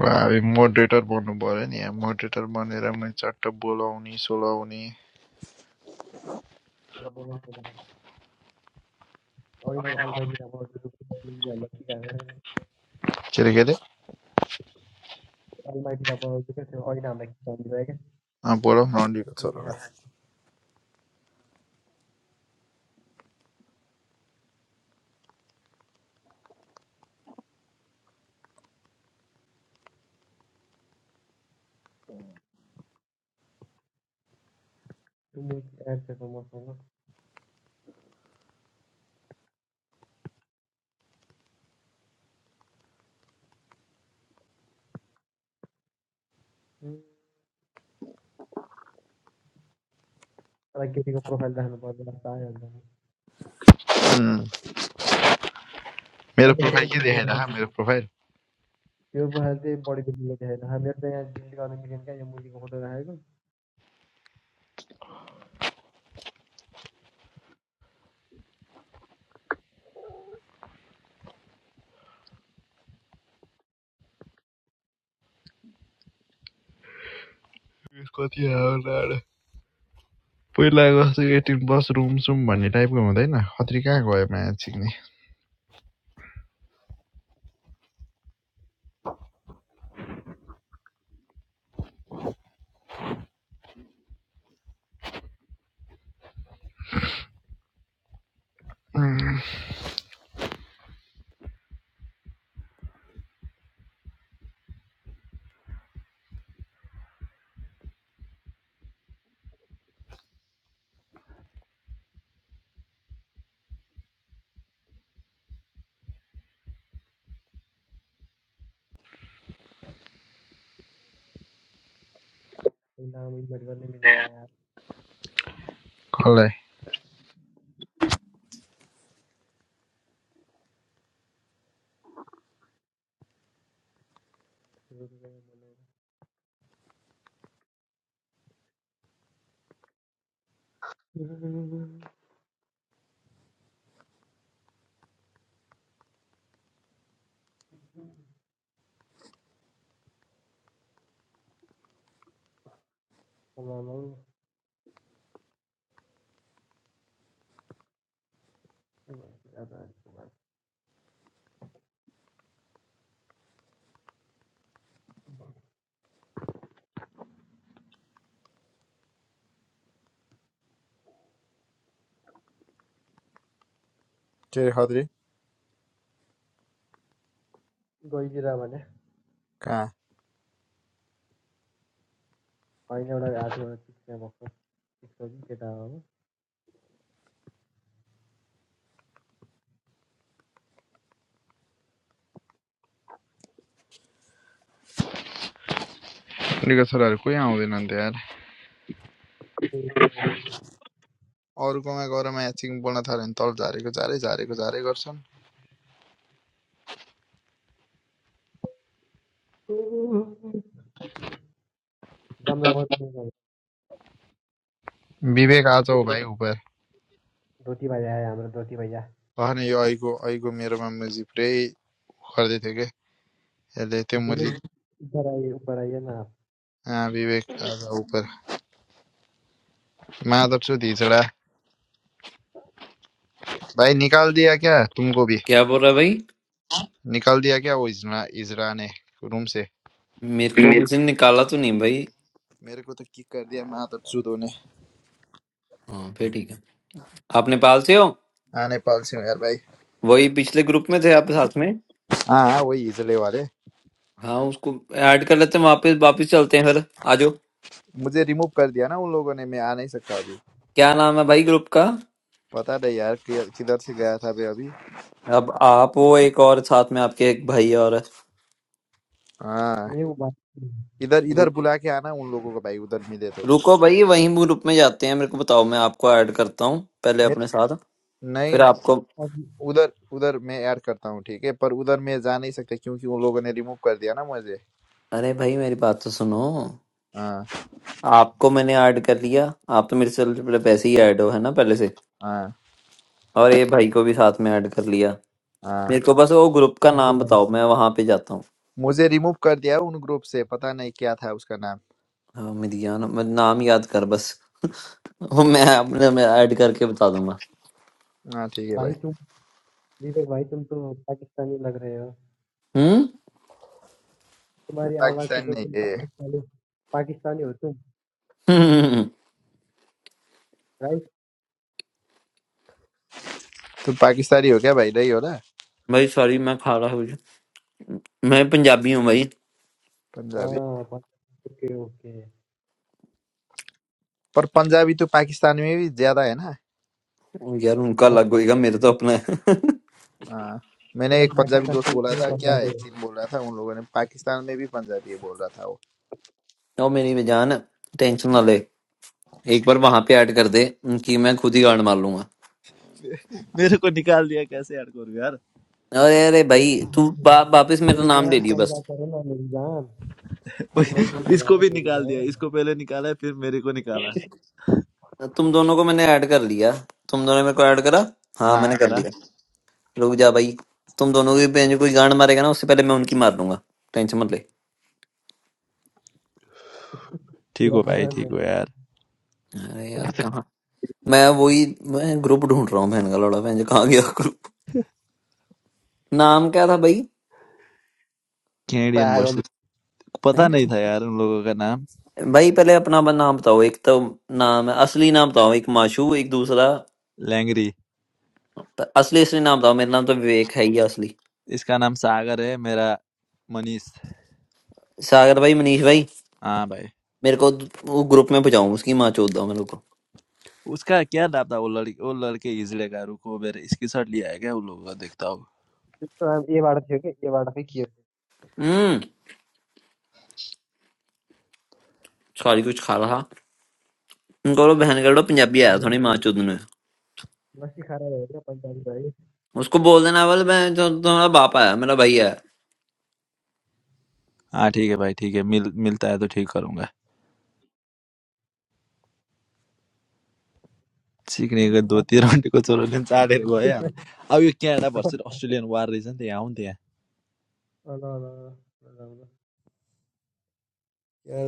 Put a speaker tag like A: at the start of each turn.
A: भाइ मोडरेटर बन्नु पर्यो नि यहाँ मोडरेटर बनेर मैले चट्ट बोलाउने सोलाउने
B: हो, बोला ना, बोला ना. ऐना अलमैटीला बनाउँछु तिमीहरूलाई के काम
A: के अरे के अरे
B: अलमैटीलाई बनाउँछु क्या त्यो ऐनाहरूलाई के काम दिँदैन क्या
A: अँ, बोलाऊ न अन्डीको
B: यदि ह्याक
A: छोरालाई
B: टु मेक एड त्यसमा मसँग हुँ, तर केटीको प्रोफाइल राख्नु पर्दैन जस्तो आयो भने त
A: उम्,
B: हो
A: मेरो
B: त्यो फोटो
A: प्रोफाइल के
B: डिलिट गर्न
A: देखाइरह
B: मिल्छ।
A: मेरो प्रोफाइल
B: त्यो प्रोफाइल चाहिँ बढी मिल्ने देखेन हामीहरू त यहाँ डिलिट गर्न मिलेन क्या यो मुलीको फोटो राखेको
A: उयस कति आयो लाडो। पहिला जस्तो एटिन प्लस रुम सुम भन्ने टाइपको हुँदैन खत्री कहाँ गयो माया छिक्ने
B: पहिलामा इन्भाइट गर्नै मिल्दैन यहाँ
A: कसलाई
B: आमा, आमा, उ, के भन्छु, अब आजको बात।
A: के अरे खत्री
B: गइदिएर भने
A: कहाँ
B: होइन एउटा हातमा चिक्ने भएको केटा हो
A: अन्डीको छोराहरू कोही आउँदैनन् त यार अरूकोमा गएर माया छिक्नु बोल्न थाल्यो भने तल झारेको झारे झारेको झारे गर्छन्
B: राम राम बहुत महंगा है।
A: विवेक आज
B: ये
A: हो
B: तो
A: भाइ उपर
B: धोती भैया है हमारे धोती भैया
A: Ah, no, yo algo, algo, mi hermano, me pray, ojalá te que ya लेते
B: इसीलिए
A: मुझे
B: इधर आइए ऊपर आइए ना आप
A: हाँ विवेक आ जाओ ऊपर मैं आदर से तीसरा भाई निकाल दिया क्या तुमको भी
C: क्या बोल रहा है भाई
A: निकाल दिया क्या वो इजरा इजरा ने रूम से
C: मेरे को
A: मेरे
C: किसी ने निकाला तो नहीं भाई
A: मेरे को तो किक कर दिया मैं आदर से दोने
C: हाँ फिर ठीक है आप नेपाल से हो
A: हाँ नेपाल से हूँ यार भाई
C: वही पिछले ग्रुप में थे आप साथ में
A: हाँ हाँ वही इजले वाले
C: हाँ उसको ऐड कर लेते हैं वापस वापस चलते हैं फिर आ जाओ
A: मुझे रिमूव कर दिया ना उन लोगों ने मैं आ नहीं सकता अभी
C: क्या नाम है भाई ग्रुप का
A: पता नहीं यार कि- किधर से गया था मैं अभी
C: अब आप वो एक और साथ में आपके एक भाई और है।
A: हाँ
B: मेरे को बात
A: इधर इधर
C: रु,
A: बुला के आना उन लोगों को भाई उधर मिले तो
C: रुको भाई वही ग्रुप में जाते हैं मेरे को बताओ मैं आपको ऐड करता हूँ पहले
A: मैं-
C: अपने साथ
A: नहीं
C: फिर आपको
B: अब
A: उधर उधर मैं ऐड करता हूँ ठीक है पर उधर मैं जा नहीं सकता क्योंकि उन लोगों ने रिमूव कर दिया ना मुझे
C: अरे भाई मेरी बात तो सुनो
A: हाँ
C: आपको मैंने ऐड कर लिया आप तो मेरे से पहले- वैसे ही ऐड हो है ना पहले से
A: हाँ
C: और ये भाई को भी साथ में ऐड कर लिया
A: हाँ
C: मेरे को बस वो ग्रुप का
B: धोती
C: नाम
B: भाई
C: बताओ मैं वहां पे जाता हूँ
A: मुझे रिमूव कर दिया उन ग्रुप से पता नहीं क्या था उसका नाम
C: हाँ, मिल गया ना मैं नाम याद कर बस वो मैं अपने में ऐड करके बता दूंगा
A: हाँ ठीक है भाई
B: भाई तुम विवेक भाई तुम तो पाकिस्तानी लग रहे हो
C: हम्म
A: ये
B: तुम्हारी आवाज से
A: पाकिस्तान
B: तो
A: नहीं
B: तुम
A: है ये
B: पाकिस्तानी पाकिस्तानी हो तुम
C: हम्म,
B: राइट
A: तुम पाकिस्तानी हो क्या भाई नहीं हो ना
C: भाई सॉरी मैं खा रहा हूँ मैं पंजाबी हूँ भाई
B: हाँ
A: पंजाबी
B: ओके ओके
A: पर पंजाबी तो पाकिस्तान में भी ज्यादा है ना
C: यार उनका
B: आप
C: अलग होएगा मेरा तो अपना है
A: हाँ मैंने
B: पूरा
A: एक पंजाबी दोस्त बोला
B: पाकिस्तानी
A: था क्या
B: पंजाबी
A: है
B: हो
A: चीन बोल रहा था उन लोगों ने पाकिस्तान में भी पंजाबी बोल रहा था वो
C: तो मेरी बेजान टेंशन ना ले एक बार वहां पे ऐड कर दे कि मैं खुद ही गांड मार लूंगा
A: मेरे को निकाल दिया कैसे यार करूँ यार
C: अरे अरे भाई
B: मेरी
C: तू वा- वापस मेरा
B: मेरी
C: नाम ले
B: जान
C: लियो
B: समझा
C: बस
B: करो ना मेरी जान अब नहीं मिलेगा ना
A: इसको भी
B: मेरी
A: निकाल दिया
B: जान
A: इसको पहले निकाला फिर मेरे को निकाला
C: तुम दोनों को मैंने ऐड कर लिया तुम दोनों मेरे को ऐड करा हाँ
A: हाँ
C: मैंने कर
A: करा
C: लिया रुक जा भाई तुम दोनों की बहन जो कोई गांड मारेगा ना उससे पहले मैं उनकी मार दूंगा टेंशन मत ले
A: ठीक
B: पूरा
A: हो भाई ठीक हो
B: पूरा
A: यार
C: अरे यार कहाँ मैं वही मैं ग्रुप ढूंढ रहा हूँ बहन का लौड़ा बहन जो कहाँ गया ग्रुप नाम क्या था भाई
A: कैनेडियन
B: पागल
A: वर्सेस पता
C: हैं?
A: नहीं था यार उन लोगों का नाम
C: भाई पहले अपना अपन नाम बताओ एक तो नाम है असली नाम बताओ एक माशू एक दूसरा
A: लैंगरी
C: त- असली असली नाम बताओ मेरा नाम तो विवेक है ही असली
A: इसका नाम सागर है मेरा मनीष
C: सागर भाई मनीष भाई
A: हाँ भाई
C: मेरे को वो ग्रुप में पहुंचाऊं उसकी माँ चोद दो मेरे को
A: उसका क्या नाम था वो लड़की वो लड़के इजले का रुको मेरे स्क्रीनशॉट लिया है क्या उन लोगों का देखता हूँ
B: त्यस्तो अब एबाट थियो कि एबाट चाहिँ के हो
C: हम्म सारी कुछ खा रहा इनको बोलो बहन कर लो पंजाबी आया थोड़ी माँ चोद ने।
B: लस्सी खाएर भयो क्या पैँतालिस भयो कि
C: उसको बोल देना बोले मैं तो तुम्हारा बाप है मेरा भैया है
A: हाँ ठीक है भाई ठीक है मिल मिलता है तो ठीक करूंगा ठीक नहीं अगर दो तीन राउन्डको छोरो चाँडेर गयो अब अब यो क्यानाडा भर्सेस अस्ट्रेलियन वार रहेछ नि त यहाँ हो नि त यहाँ
B: ल ल क्या